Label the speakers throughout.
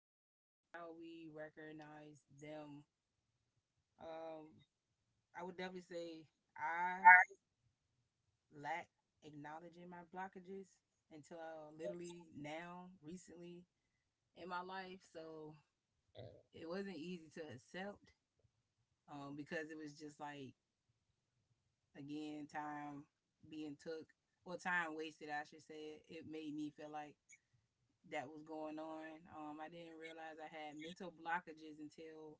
Speaker 1: blockages and how we recognize them. Um, I would definitely say I lack acknowledging my blockages until literally now, recently in my life. So it wasn't easy to accept, because it was just like, again, time being took or time wasted, I should say. It made me feel like that was going on. I didn't realize I had mental blockages until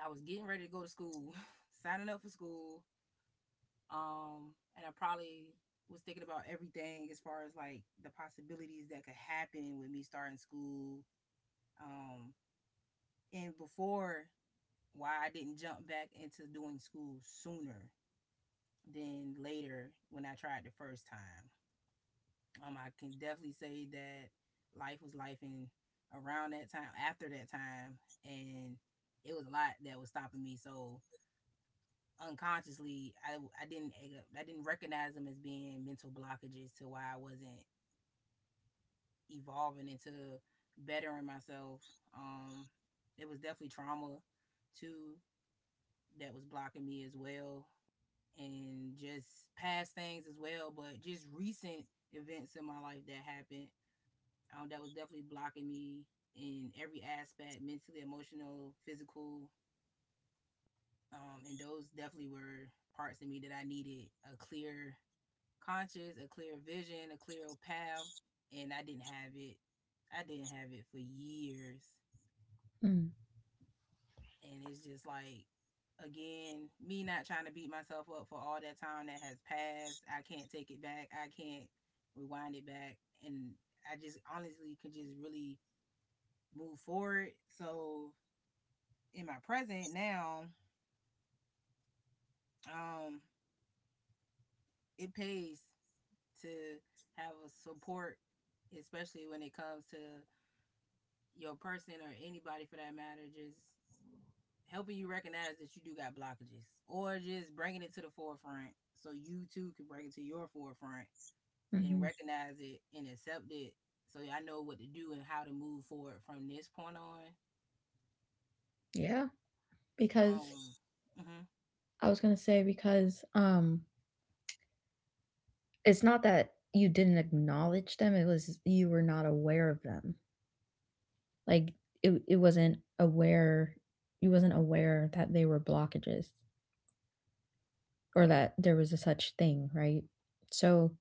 Speaker 1: I was getting ready to go to school, signing up for school. And I probably was thinking about everything as far as like the possibilities that could happen with me starting school. Um, and before why I didn't jump back into doing school sooner than later when I tried the first time. I can definitely say that life was life in around that time, after that time, and it was a lot that was stopping me. So unconsciously, I didn't I didn't recognize them as being mental blockages to why I wasn't evolving into bettering myself. Um, it was definitely trauma too that was blocking me as well, and just past things as well, but just recent events in my life that happened, that was definitely blocking me in every aspect, mentally, emotional, physical, and those definitely were parts of me that I needed. A clear conscience, a clear vision, a clear path, and I didn't have it. I didn't have it for years. And it's just like, again, me not trying to beat myself up for all that time that has passed. I can't take it back, I can't rewind it back. And I just honestly could just really move forward. So in my present now, um, it pays to have a support, especially when it comes to your person or anybody for that matter, just helping you recognize that you do got blockages or just bringing it to the forefront so you too can bring it to your forefront and
Speaker 2: Mm-hmm.
Speaker 1: recognize it and accept it. So yeah, I know what to do and how to move forward from this point on.
Speaker 2: Yeah,
Speaker 1: Um,
Speaker 2: because
Speaker 1: mhm.
Speaker 2: I was gonna say because it's not that you didn't acknowledge them; it was you were not aware of them. Like it wasn't aware. You wasn't aware that they were blockages or that there was a such thing, right? So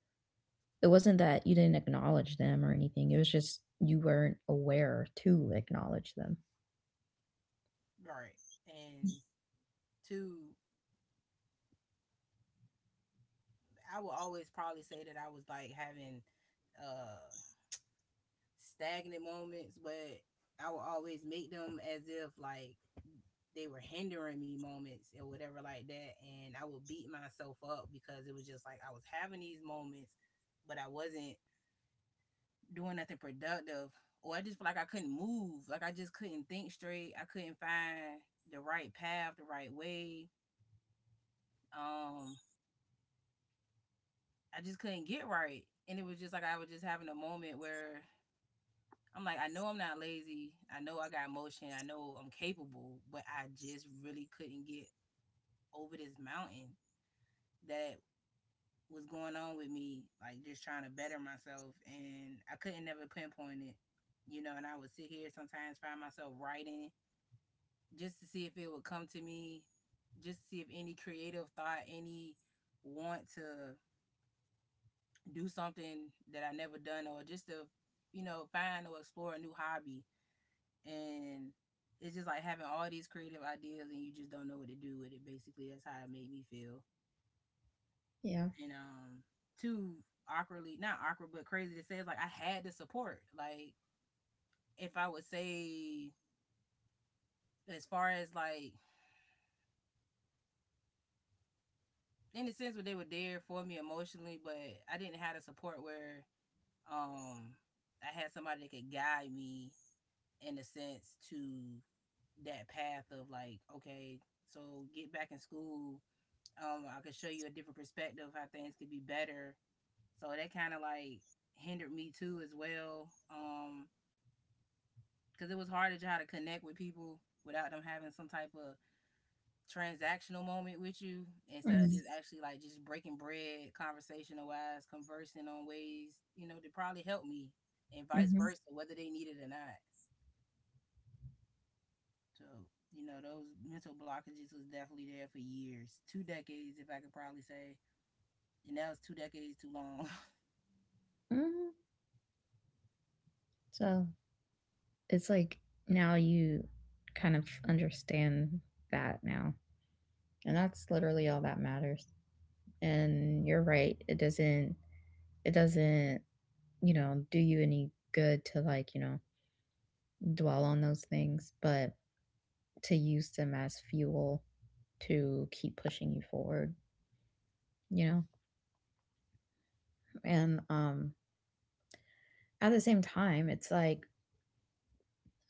Speaker 2: it wasn't that you didn't acknowledge them or anything. It was just you weren't aware to acknowledge them.
Speaker 1: Right. And two, I would always probably say that I was like having uh stagnant moments, but I would always make them as if like they were hindering me moments or whatever like that, and I would beat myself up because it was just like I was having these moments but I wasn't doing nothing productive, or I just feel like I couldn't move. Like I just couldn't think straight. I couldn't find the right path, the right way. Um I just couldn't get right. And it was just like I was just having a moment where I'm like, I know I'm not lazy, I know I got motion, I know I'm capable, but I just really couldn't get over this mountain that was going on with me, like just trying to better myself. And I couldn't never pinpoint it, you know. And I would sit here sometimes, find myself writing just to see if it would come to me, just to see if any creative thought, any want to do something that I never done, or just to, you know, find or explore a new hobby. And it's just like having all these creative ideas and you just don't know what to do with it. Basically, that's how it made me feel.
Speaker 2: Yeah.
Speaker 1: And too, awkwardly, not awkward, but crazy to say, it's like I had the support. Like if I would say, as far as like in a sense, where they were there for me emotionally, but I didn't have the support where um I had somebody that could guide me in a sense to that path of like, okay, so get back in school. I could show you a different perspective of how things could be better. So that kind of like hindered me too as well. Cuz it was hard to try to connect with people without them having some type of transactional moment with you instead of
Speaker 2: Mm-hmm.
Speaker 1: just actually like just breaking bread, conversational wise, conversing on ways, to probably help me and vice
Speaker 2: Mm-hmm.
Speaker 1: versa, whether they need it or not. So, those mental blockages was definitely there for years, two decades if I could probably say. And that was two decades too long.
Speaker 2: So it's like now you kind of understand that now. And that's literally all that matters. And you're right, it doesn't, you know, do you any good to like, you know, dwell on those things, but to use them as fuel to keep pushing you forward, you know? And at the same time, it's like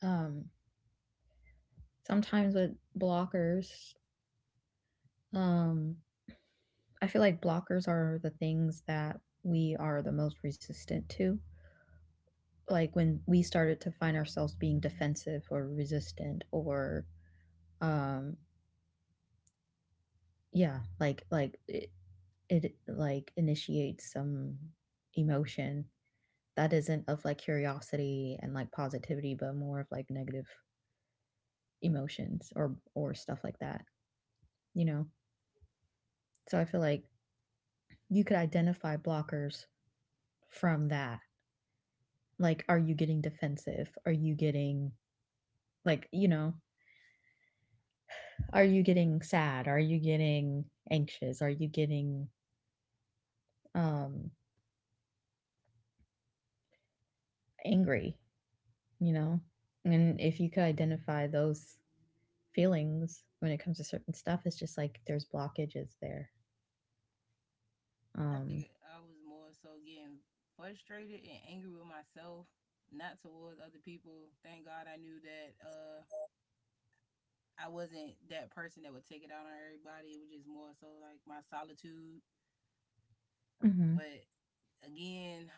Speaker 2: um sometimes with blockers, um I feel like blockers are the things that we are the most resistant to. Like when we started to find ourselves being defensive or resistant or um yeah, like it like initiates some emotion that isn't of like curiosity and like positivity but more of like negative emotions or stuff like that, you know. So I feel like you could identify blockers from that. Like are you getting defensive? Are you getting like you know, are you getting sad? Are you getting anxious? Are you getting um angry, you know? And if you could identify those feelings when it comes to certain stuff, it's just like there's blockages there.
Speaker 1: I
Speaker 2: um
Speaker 1: think I was more so getting frustrated and angry with myself, not towards other people. Thank God I knew that I wasn't that person that would take it out on everybody. It was just more so like my solitude.
Speaker 2: mhm.
Speaker 1: But again,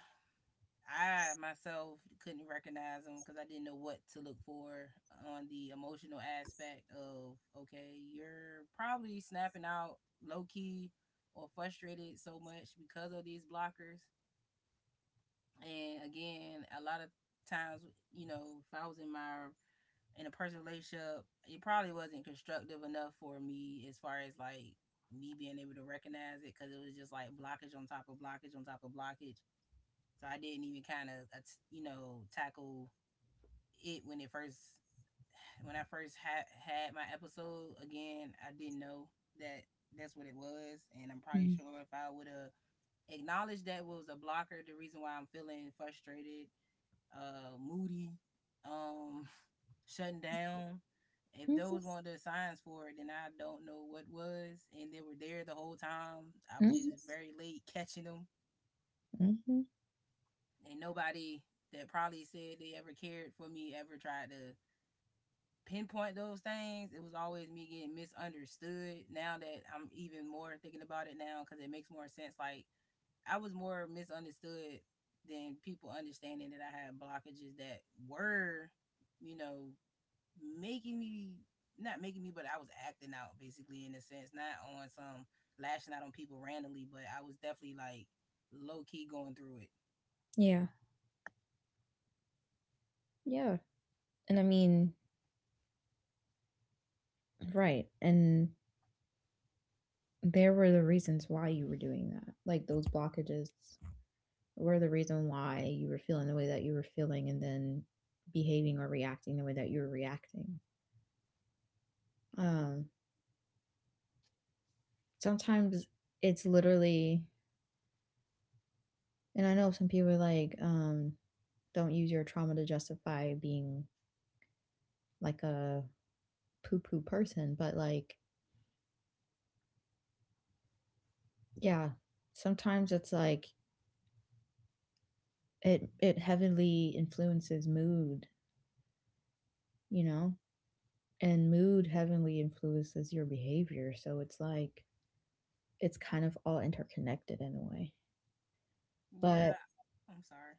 Speaker 1: I myself couldn't recognize them because I didn't know what to look for on the emotional aspect of okay, you're probably snapping out low key or frustrated so much because of these blockers. And again, a lot of times, if I was in my in a personal relationship, it probably wasn't constructive enough for me as far as like me being able to recognize it, because it was just like blockage on top of blockage on top of blockage. So I didn't even kind of, tackle it when it first when I first had had my episode. Again, I didn't know that that's what it was, and I'm probably
Speaker 2: Mhm.
Speaker 1: sure if I would have acknowledged that was a blocker, the reason why I'm feeling frustrated, moody, um, shutting down. If those weren't the signs for it, then I don't know what was. And they were there the whole time. I'm
Speaker 2: Mhm.
Speaker 1: just very late catching them.
Speaker 2: Mhm.
Speaker 1: And nobody that probably said they ever cared for me ever tried to pinpoint those things. It was always me getting misunderstood. Now that I'm even more thinking about it now, because it makes more sense. Like, I was more misunderstood than people understanding that I had blockages that were, you know, making me. Not making me, but I was acting out basically in a sense, not on some lashing out on people randomly, but I was definitely like low key going through it.
Speaker 2: Yeah, yeah. And I mean, right, and there were the reasons why you were doing that, like those blockages were the reason why you were feeling the way that you were feeling and then behaving or reacting the way that you were reacting. Um, sometimes it's literally, and I know some people are like, don't use your trauma to justify being like a poo poo person, but like, yeah, sometimes it's like it heavily influences mood, you know? And mood heavily influences your behavior. So it's like, it's kind of all interconnected in a way. But
Speaker 1: Yeah, I'm sorry.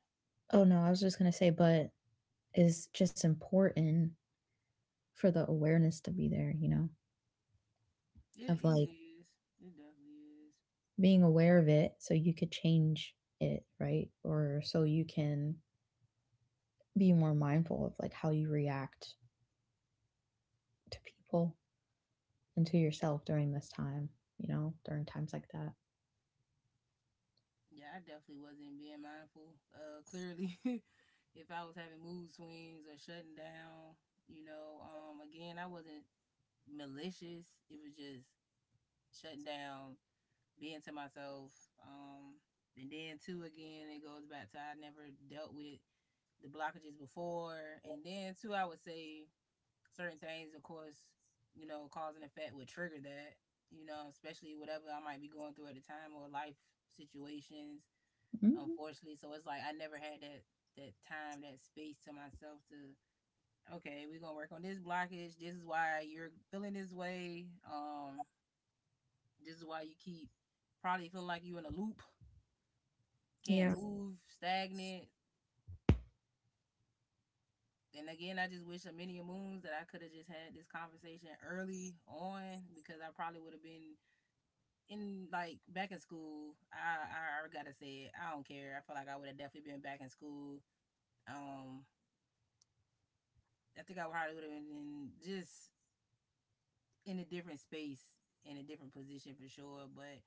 Speaker 2: oh, no, I was just gonna say, but it's just important for the awareness to be there, you know,
Speaker 1: It
Speaker 2: of like
Speaker 1: it is. It definitely is.
Speaker 2: being aware of it so you could change it, right? Or so you can be more mindful of like how you react to people and to yourself during this time, you know, during times like that.
Speaker 1: Yeah, I definitely wasn't being mindful. Clearly, if I was having mood swings or shutting down, again, I wasn't malicious. It was just shutting down, being to myself. Um, and then too again, it goes back to I never dealt with the blockages before, and then too I would say certain things, of course, cause and effect would trigger that. You know, especially whatever I might be going through at the time or life situations,
Speaker 2: Hmm.
Speaker 1: unfortunately. So it's like I never had that, that time, that space to myself to okay, we're gonna work on this blockage. This is why you're feeling this way. This is why you keep probably feeling like you are in a loop, can't
Speaker 2: Yeah.
Speaker 1: move, stagnant. And again, I just wish a many a moons that I could have just had this conversation early on, because I probably would have been in, like, back in school. I gotta say it. I don't care. I feel like I would have definitely been back in school. Um, I think I probably would have been in, just in a different space, in a different position for sure. But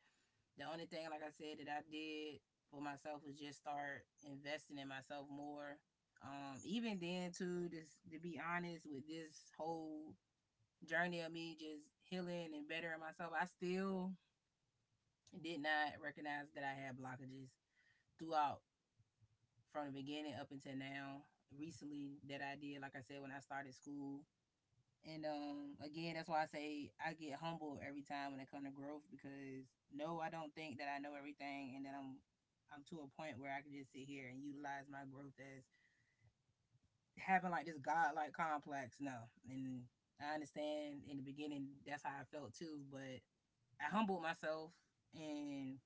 Speaker 1: The only thing, like I said, that I did for myself was just start investing in myself more. Even then, too, this to be honest with this whole journey of me just healing and bettering myself, I still did not recognize that I had blockages throughout from the beginning up until now. Recently, that I did, like I said, when I started school. And again, that's why I say I get humbled every time when it comes to growth, because no, I don't think that I know everything, and that I'm to a point where I can just sit here and utilize my growth as having like this godlike complex. No, and I understand in the beginning that's how I felt too, but I humbled myself, and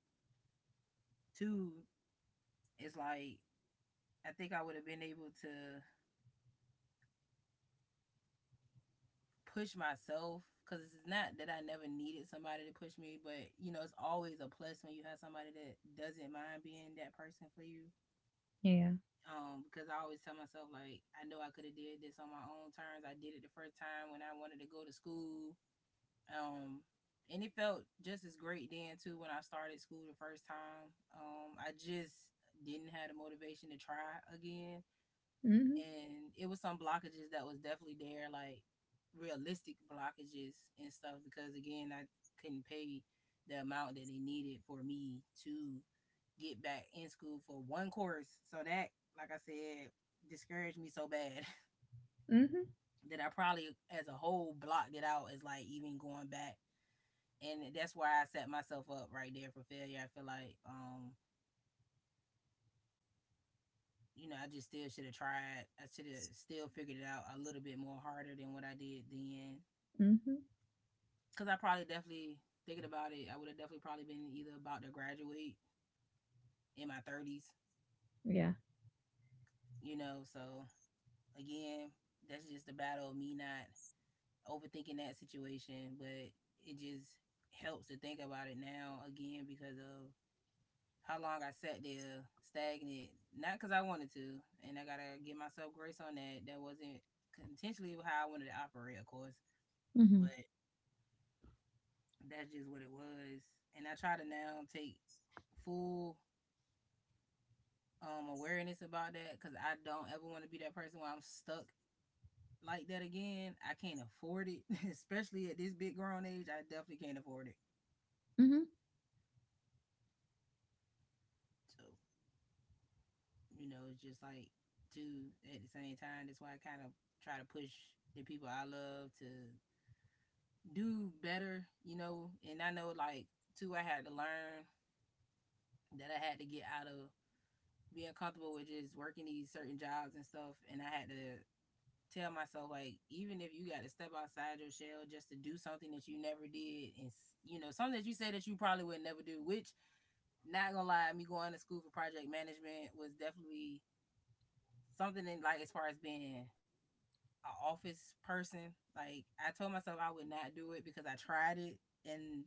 Speaker 1: two, it's like I think I would have been able to push myself because it's not that I never needed somebody to push me, but you know, it's always a plus when you have somebody that doesn't mind being that person for you.
Speaker 2: Yeah.
Speaker 1: Because I always tell myself like I know I could have did this on my own terms. I did it the first time when I wanted to go to school. Um, and it felt just as great then too when I started school the first time. I just didn't have the motivation to try again,
Speaker 2: Mhm.
Speaker 1: and it was some blockages that was definitely there, like realistic blockages and stuff. Because again, I couldn't pay the amount that they needed for me to get back in school for one course. So that, like I said, discouraged me so bad
Speaker 2: Mhm.
Speaker 1: that I probably, as a whole, blocked it out as like even going back. And that's why I set myself up right there for failure. I feel like, I just still should have tried. I should have still figured it out a little bit more harder than what I did then.
Speaker 2: Mhm.
Speaker 1: Because I probably definitely thinking about it, I would have definitely probably been either about to graduate in my thirties,
Speaker 2: Yeah.
Speaker 1: you know. So again, that's just the battle of me not overthinking that situation, but it just helps to think about it now again because of how long I sat there stagnant. Not because I wanted to, and I gotta give myself grace on that. That wasn't intentionally how I wanted to operate, of course,
Speaker 2: Mhm.
Speaker 1: but that's just what it was. And I try to now take full awareness about that because I don't ever want to be that person where I'm stuck like that again. I can't afford it, especially at this big grown age. I definitely can't afford it.
Speaker 2: Mhm.
Speaker 1: So you know, it's just like do at the same time. That's why I kind of try to push the people I love to do better. You know, and I know like too, I had to learn that I had to get out of being comfortable with just working these certain jobs and stuff, and I had to tell myself like even if you got to step outside your shell just to do something that you never did and you know something that you said that you probably would never do, which not gonna lie, me going to school for project management was definitely something in like as far as being an office person. Like I told myself I would not do it because I tried it and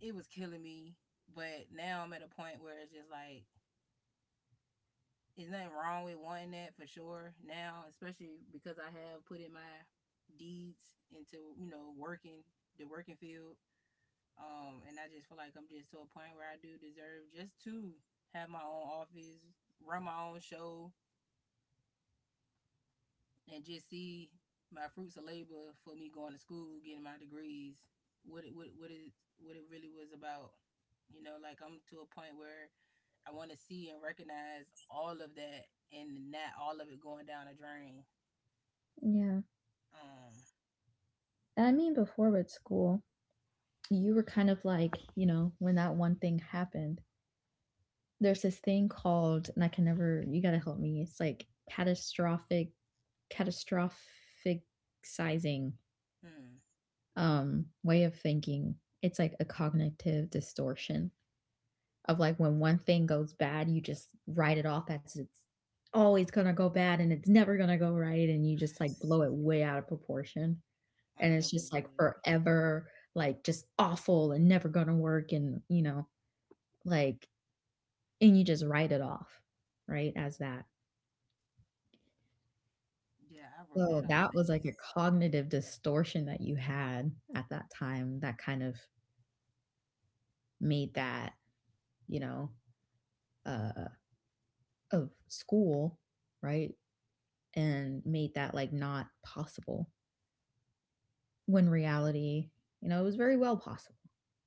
Speaker 1: it was killing me. But now I'm at a point where it's just like there's nothing wrong with wanting that for sure now, especially because I have put in my deeds into, you know, working the working field. And I just feel like I'm just to a point where I do deserve just to have my own office, run my own show, and just see my fruits of labor for me going to school, getting my degrees, what it what it really was about. You know, like I'm to a point where I want to see and recognize all of that and not all of it going down a drain.
Speaker 2: Yeah.
Speaker 1: Um,
Speaker 2: And I mean before with school, you were kind of like, you know, when that one thing happened, there's this thing called, and I can never, you gotta help me, it's like catastrophic sizing,
Speaker 1: hmm.
Speaker 2: way of thinking. It's like a cognitive distortion of like when one thing goes bad, you just write it off as it's always gonna go bad and it's never gonna go right, and you just like blow it way out of proportion
Speaker 1: I
Speaker 2: and
Speaker 1: would
Speaker 2: it's
Speaker 1: definitely
Speaker 2: just
Speaker 1: do
Speaker 2: like
Speaker 1: that.
Speaker 2: forever, like just awful and never gonna work, and you know, like, and you just write it off, right, as that.
Speaker 1: Yeah, I wrote
Speaker 2: So
Speaker 1: that off
Speaker 2: that was
Speaker 1: bad.
Speaker 2: like a cognitive distortion that you had at that time that kind of made that, you know, uh, of school, right? And made that like not possible when reality, you know, it was very well possible.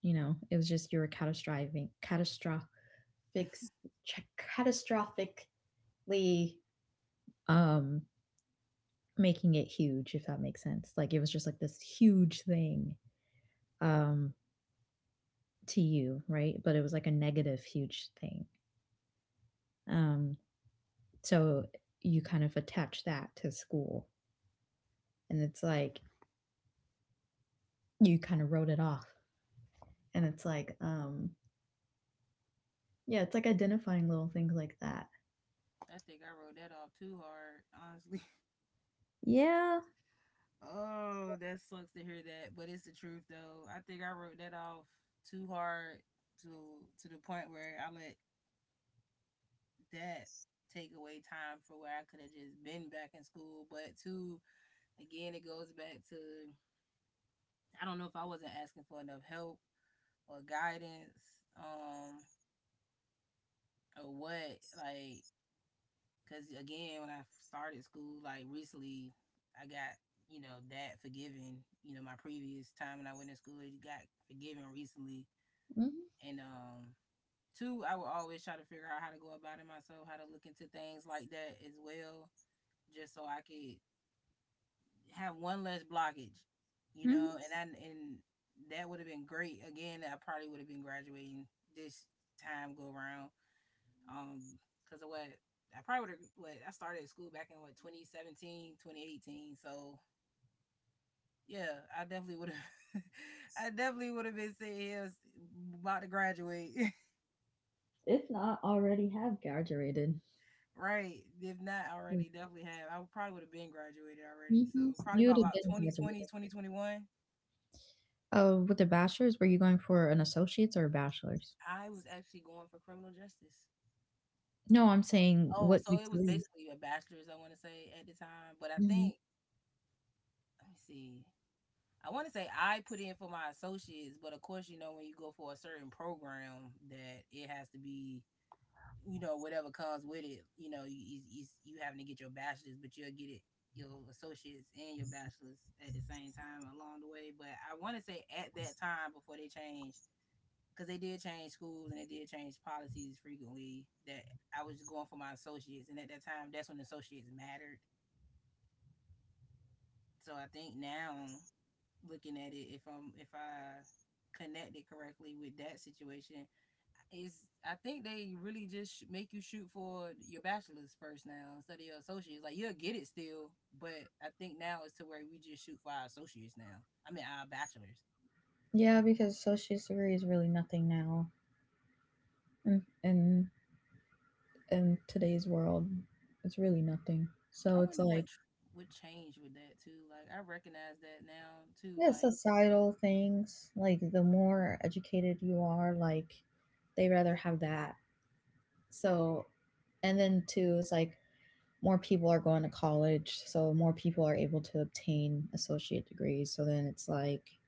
Speaker 2: You know, it was just you were catastrophizing, ch- catastrophically, um, making it huge, if that makes sense. Like it was just like this huge thing. Um, to you, right? But it was like a negative huge thing. Um, so you kind of attach that to school and it's like you kind of wrote it off. And it's like, yeah, it's like identifying little things like that.
Speaker 1: I think I wrote that off too hard, honestly.
Speaker 2: Yeah.
Speaker 1: Oh, that sucks to hear that, but it's the truth though. I think I wrote that off too hard to to the point where I let that take away time for where I could have just been back in school. But too, again, it goes back to I don't know if I wasn't asking for enough help or guidance, or what. Like cause again, when I started school, like recently, I got you know that forgiven. You know, my previous time when I went to school, it got forgiven recently.
Speaker 2: Mhm.
Speaker 1: And two, I will always try to figure out how to go about it myself, how to look into things like that as well, just so I could have one less blockage. You
Speaker 2: Mhm.
Speaker 1: know, and I and that would have been great. Again, I probably would have been graduating this time go around, um, because of what I probably would have, what I started school back in, what, 2017, 2018. So yeah, I definitely would have I definitely would have been sitting here about to graduate.
Speaker 2: If not already have graduated.
Speaker 1: Right. If not
Speaker 2: Hmm.
Speaker 1: already, definitely have. I probably would have been graduated
Speaker 2: You
Speaker 1: already. So probably
Speaker 2: would have
Speaker 1: about
Speaker 2: been
Speaker 1: 2020,
Speaker 2: graduated.
Speaker 1: 2021.
Speaker 2: Oh, with the bachelor's, were you going for an associate's or a bachelor's?
Speaker 1: I was actually going for criminal justice.
Speaker 2: No, I'm saying
Speaker 1: Oh,
Speaker 2: what
Speaker 1: so it was
Speaker 2: degree.
Speaker 1: basically a bachelor's, I want to say, at the time. But I
Speaker 2: Hmm.
Speaker 1: think, let me see, I want to say I put in for my associates, but of course, you know, when you go for a certain program, that it has to be, you know, whatever comes with it. You know, you having to get your bachelor's, but you'll get it your associates and your bachelor's at the same time along the way. But I want to say at that time before they changed, because they did change schools and they did change policies frequently. That I was just going for my associates, and at that time, that's when associates mattered. So I think now looking at it, if I connect it correctly with that situation, is I think they really just make you shoot for your bachelor's first now instead of your associates. Like you'll get it still, but I think now it's to where we just shoot for our associates now. I mean our bachelors.
Speaker 2: Yeah, because associate's degree is really nothing now. And in today's world, it's really nothing.
Speaker 1: I
Speaker 2: So it's
Speaker 1: wonder
Speaker 2: like
Speaker 1: what would change with that too. Like I recognize that now too.
Speaker 2: yeah,
Speaker 1: Like
Speaker 2: societal things. Like the more educated you are, like they rather have that. So, and then too, it's like more people are going to college, so more people are able to obtain associate degrees. So then it's like,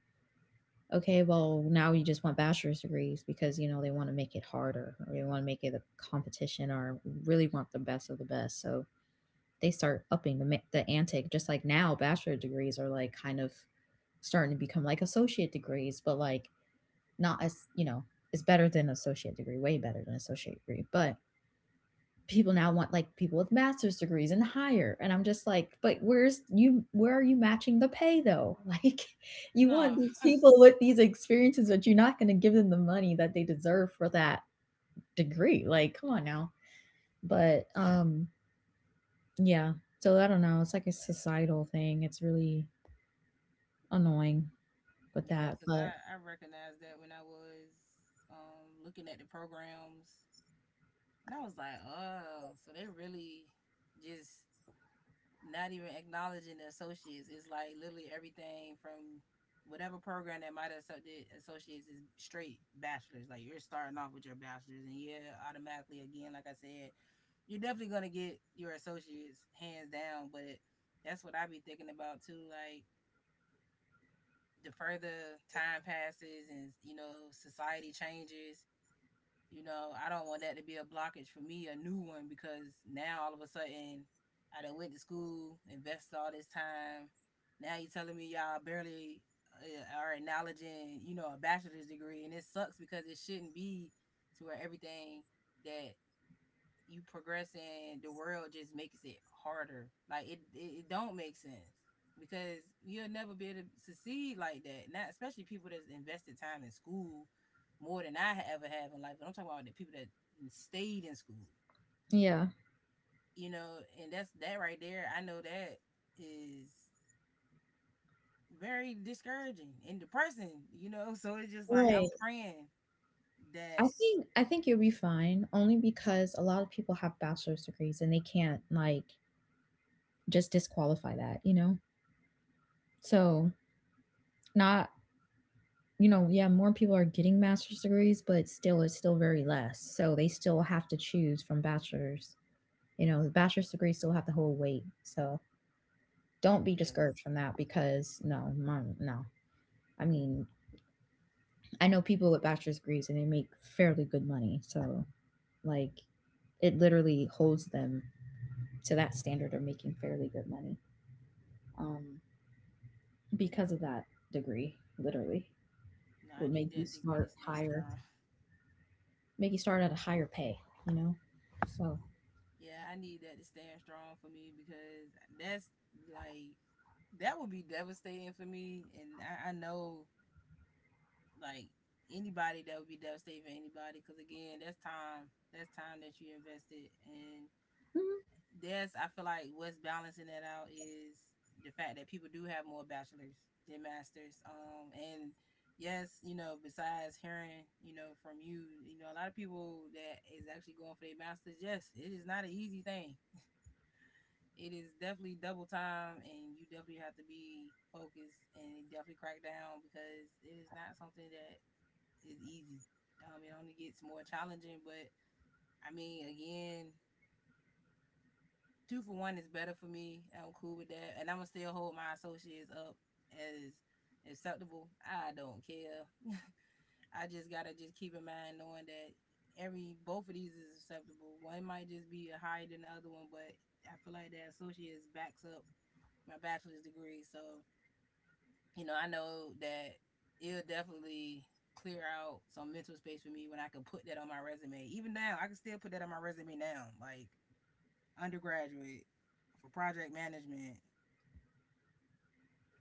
Speaker 2: okay, well now you just want bachelor's degrees because you know they want to make it harder, or they want to make it a competition, or really want the best of the best. So they start upping the ante. Just like now, bachelor degrees are like kind of starting to become like associate degrees, but like not as, you know, it's better than associate degree, way better than associate degree, but people now want like people with master's degrees and higher, and I'm just like, but where's you, where are you matching the pay though? Like you
Speaker 1: no,
Speaker 2: want these people with these experiences but you're not going to give them the money that they deserve for that degree, like come on now. But yeah. So I don't know. It's like a societal thing. It's really annoying with
Speaker 1: yeah,
Speaker 2: that,
Speaker 1: because
Speaker 2: but
Speaker 1: I recognized that when I was looking at the programs. And I was like, oh, so they're really just not even acknowledging the associates. It's like literally everything from whatever program that might have did associates is straight bachelor's. Like you're starting off with your bachelor's, and yeah, automatically again, like I said, you're definitely gonna get your associates hands down. But that's what I be thinking about too. Like the further time passes, and you know society changes, you know, I don't want that to be a blockage for me, a new one, because now all of a sudden I done went to school, invested all this time. Now you are telling me y'all barely are acknowledging, you know, a bachelor's degree, and it sucks because it shouldn't be to where everything that you progressing, the world just makes it harder. Like it don't make sense because you'll never be able to succeed like that. Not especially people that's invested time in school more than I ever have in life. But I'm talking about the people that stayed in school,
Speaker 2: yeah.
Speaker 1: you know, and that's that right there. I know that is very discouraging and depressing, you know. So it's just like I'm
Speaker 2: Right.
Speaker 1: praying
Speaker 2: I
Speaker 1: that
Speaker 2: think I think you'll be fine only because a lot of people have bachelor's degrees and they can't like just disqualify that, you know? So not, you know, yeah, more people are getting master's degrees, but still it's still very less. So they still have to choose from bachelor's. You know, the bachelor's degrees still have the whole weight. So don't be
Speaker 1: yes,
Speaker 2: discouraged from that because no, mom, no. I mean, I know people with bachelor's degrees and they make fairly good money. So, like, it literally holds them to that standard of making fairly good money um, because of that degree. Literally,
Speaker 1: no, I
Speaker 2: would
Speaker 1: need
Speaker 2: make you
Speaker 1: that degree to
Speaker 2: start
Speaker 1: stand
Speaker 2: higher,
Speaker 1: strong.
Speaker 2: make you start at a higher pay. You know, so.
Speaker 1: Yeah, I need that to stand strong for me because that's like that would be devastating for me, and I know like anybody that would be devastating for anybody because again, that's time that you invested, and that's I feel like what's balancing that out is the fact that people do have more bachelors than masters, and yes, you know, besides hearing, you know, from you, you know, a lot of people that is actually going for their masters, yes, it is not an easy thing. It is definitely double time and you definitely have to be focused and definitely crack down because it is not something that is easy. It only gets more challenging, but I mean, again, two for one is better for me. I'm cool with that, and I'm gonna still hold my associates up as acceptable. I don't care. I just gotta just keep in mind knowing that every both of these is acceptable. One might just be higher than the other one, but I feel like that associates backs up my bachelor's degree. So, you know, I know that it'll definitely clear out some mental space for me when I can put that on my resume. Even now, I can still put that on my resume now, like undergraduate for project management.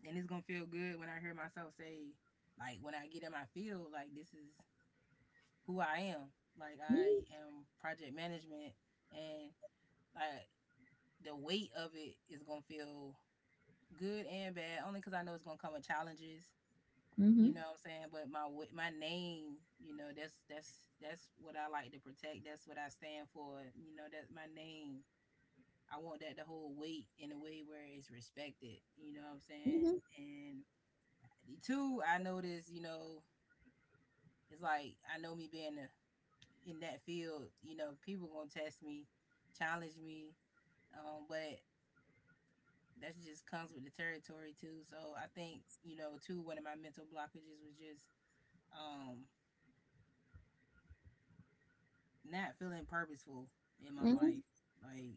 Speaker 1: And it's gonna feel good when I hear myself say, like, when I get in my field, like, this is who I am. Like, I
Speaker 2: Mhm.
Speaker 1: am project management, and like the weight of it is gonna feel good and bad, only because I know it's gonna come with challenges.
Speaker 2: Hmm.
Speaker 1: You know what I'm saying? But my my name, you know, that's what I like to protect. That's what I stand for. You know, that's my name. I want that to hold weight in a way where it's respected. You know what I'm
Speaker 2: Hmm.
Speaker 1: saying? And two, I notice, you know, it's like I know me being a, in that field, you know, people gonna test me, challenge me, but that just comes with the territory too. So I think you know, two, one of my mental blockages was just um not feeling purposeful in my
Speaker 2: Hmm.
Speaker 1: life. Like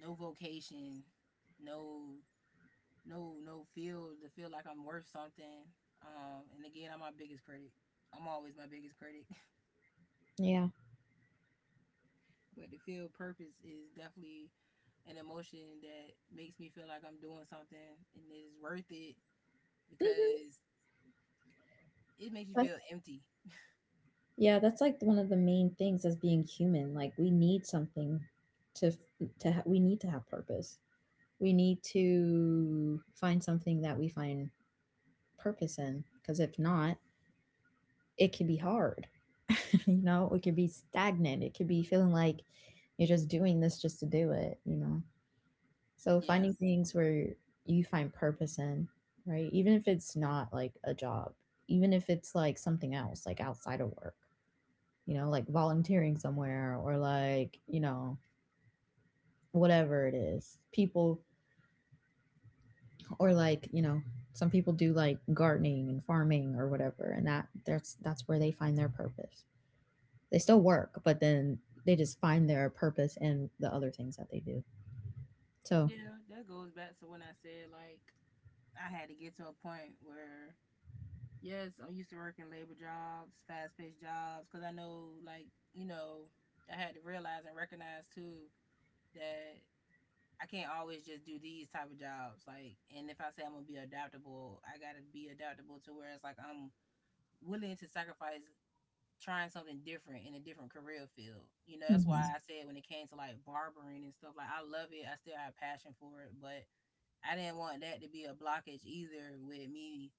Speaker 1: no vocation, no no feel to feel like I'm worth something. And again, I'm my biggest critic. I'm always my biggest critic.
Speaker 2: Yeah.
Speaker 1: But to feel purpose is definitely an emotion that makes me feel like I'm doing something and it is worth it
Speaker 2: Hmm.
Speaker 1: because it makes you feel
Speaker 2: That's,
Speaker 1: empty.
Speaker 2: yeah, that's like one of the main things as being human. Like we need something to f- to ha- we need to have purpose. We need to find something that we find purpose in because if not it could be hard, you know, it could be stagnant, it could be feeling like you're just doing this just to do it, you know. So
Speaker 1: Yeah.
Speaker 2: finding things where you find purpose in, right, even if it's not like a job, even if it's like something else like outside of work, you know, like volunteering somewhere or like, you know, whatever it is people, or like, you know, some people do like gardening and farming or whatever, and that that's where they find their purpose. They still work but then they just find their purpose in the other things that they do, so.
Speaker 1: Yeah, that goes back to when I said, like, I had to get to a point where, yes, I'm used to working labor jobs, fast paced jobs, because I know, like, you know, I had to realize and recognize too that I can't always just do these type of jobs. Like, and if I say I'm gonna be adaptable, I gotta be adaptable to where it's like I'm willing to sacrifice trying something different in a different career field. You know, that's
Speaker 2: Mhm.
Speaker 1: why I said when it came to like barbering and stuff, like I love it. I still have passion for it, but I didn't want that to be a blockage either with me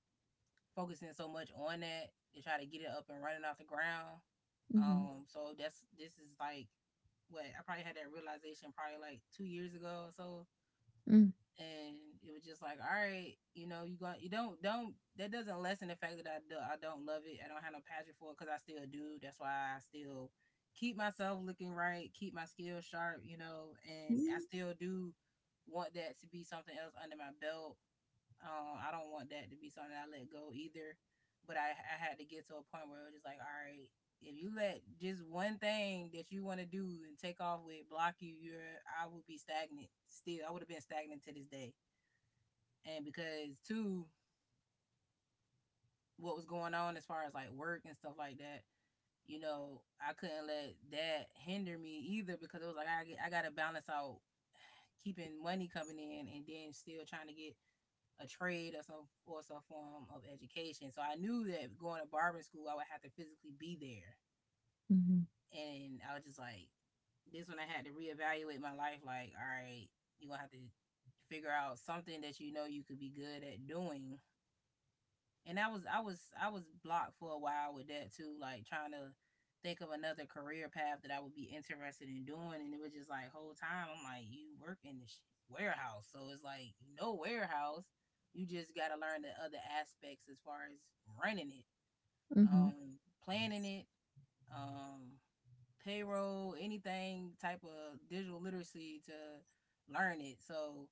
Speaker 1: focusing so much on that to try to get it up and running off the ground.
Speaker 2: Mhm.
Speaker 1: So that's this is like what I probably had that realization probably like 2 years ago or so.
Speaker 2: Mm.
Speaker 1: And it was just like, all right, you know, you going you don't that doesn't lessen the fact that I do, I don't love it. I don't have no passion for it because I still do. That's why I still keep myself looking right, keep my skills sharp, you know, and I
Speaker 2: Mm.
Speaker 1: still do want that to be something else under my belt. I don't want that to be something I let go either. But I had to get to a point where it was just like, all right, if you let just one thing that you want to do and take off with block you, you're I would be stagnant still. I would have been stagnant to this day. And because two, what was going on as far as like work and stuff like that, you know, I couldn't let that hinder me either because it was like I get, I gotta balance out keeping money coming in and then still trying to get a trade or some form of education. So I knew that going to barbering school, I would have to physically be there,
Speaker 2: Mhm.
Speaker 1: and I was just like, this when I had to reevaluate my life. Like, all right, you gonna have to figure out something that you know you could be good at doing, and I was blocked for a while with that too, like trying to think of another career path that I would be interested in doing, and it was just like whole time I'm like, you work in the warehouse, so it's like you know warehouse, you just got to learn the other aspects as far as running it,
Speaker 2: Mhm.
Speaker 1: planning it, um, payroll, anything type of digital literacy to learn it. So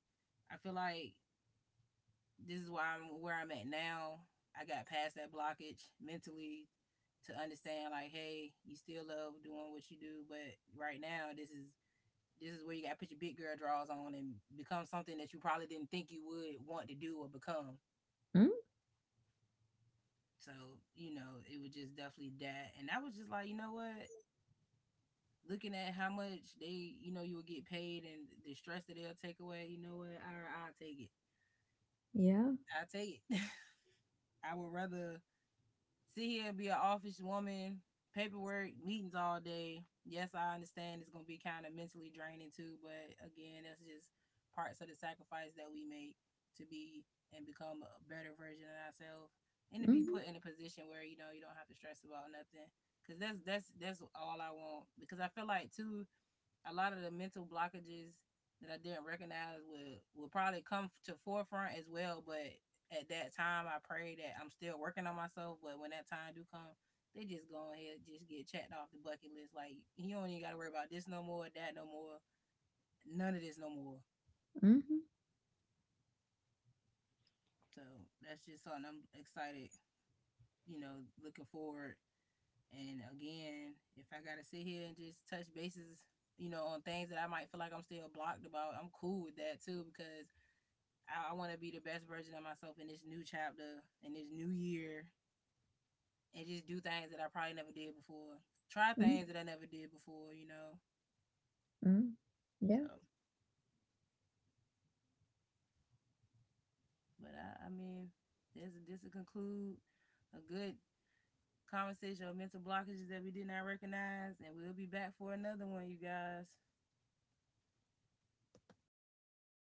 Speaker 1: I feel like this is why I'm where I'm at now. I got past that blockage mentally to understand like, hey, you still love doing what you do, but right now this is where you gotta put your big girl draws on and become something that you probably didn't think you would want to do or become.
Speaker 2: Mm.
Speaker 1: So, you know, it was just definitely that. And I was just like, you know what? Looking at how much they, you know, you will get paid and the stress that they'll take away, you know what? I'll take it.
Speaker 2: Yeah.
Speaker 1: I'll take it. I would rather sit here and be an office woman, paperwork, meetings all day. Yes, I understand it's gonna be kind of mentally draining too, but again, that's just parts of the sacrifice that we make to be and become a better version of ourselves, and to be
Speaker 2: Mhm.
Speaker 1: put in a position where you know you don't have to stress about nothing. Cause that's all I want. Because I feel like too, a lot of the mental blockages that I didn't recognize would probably come to forefront as well. But at that time, I pray that I'm still working on myself. But when that time do come, they just go ahead, just get checked off the bucket list. Like you don't even got to worry about this no more, that no more, none of this no more.
Speaker 2: Mhm.
Speaker 1: So that's just something I'm excited. You know, looking forward. And again, if I gotta sit here and just touch bases, you know, on things that I might feel like I'm still blocked about, I'm cool with that too because I want to be the best version of myself in this new chapter, in this new year, and just do things that I probably never did before. Try
Speaker 2: Mm.
Speaker 1: things that I never did before, you know.
Speaker 2: Mm. Yeah.
Speaker 1: So, but I mean, this will conclude a good conversation of mental blockages that we did not recognize, and we'll be back for another one, you guys.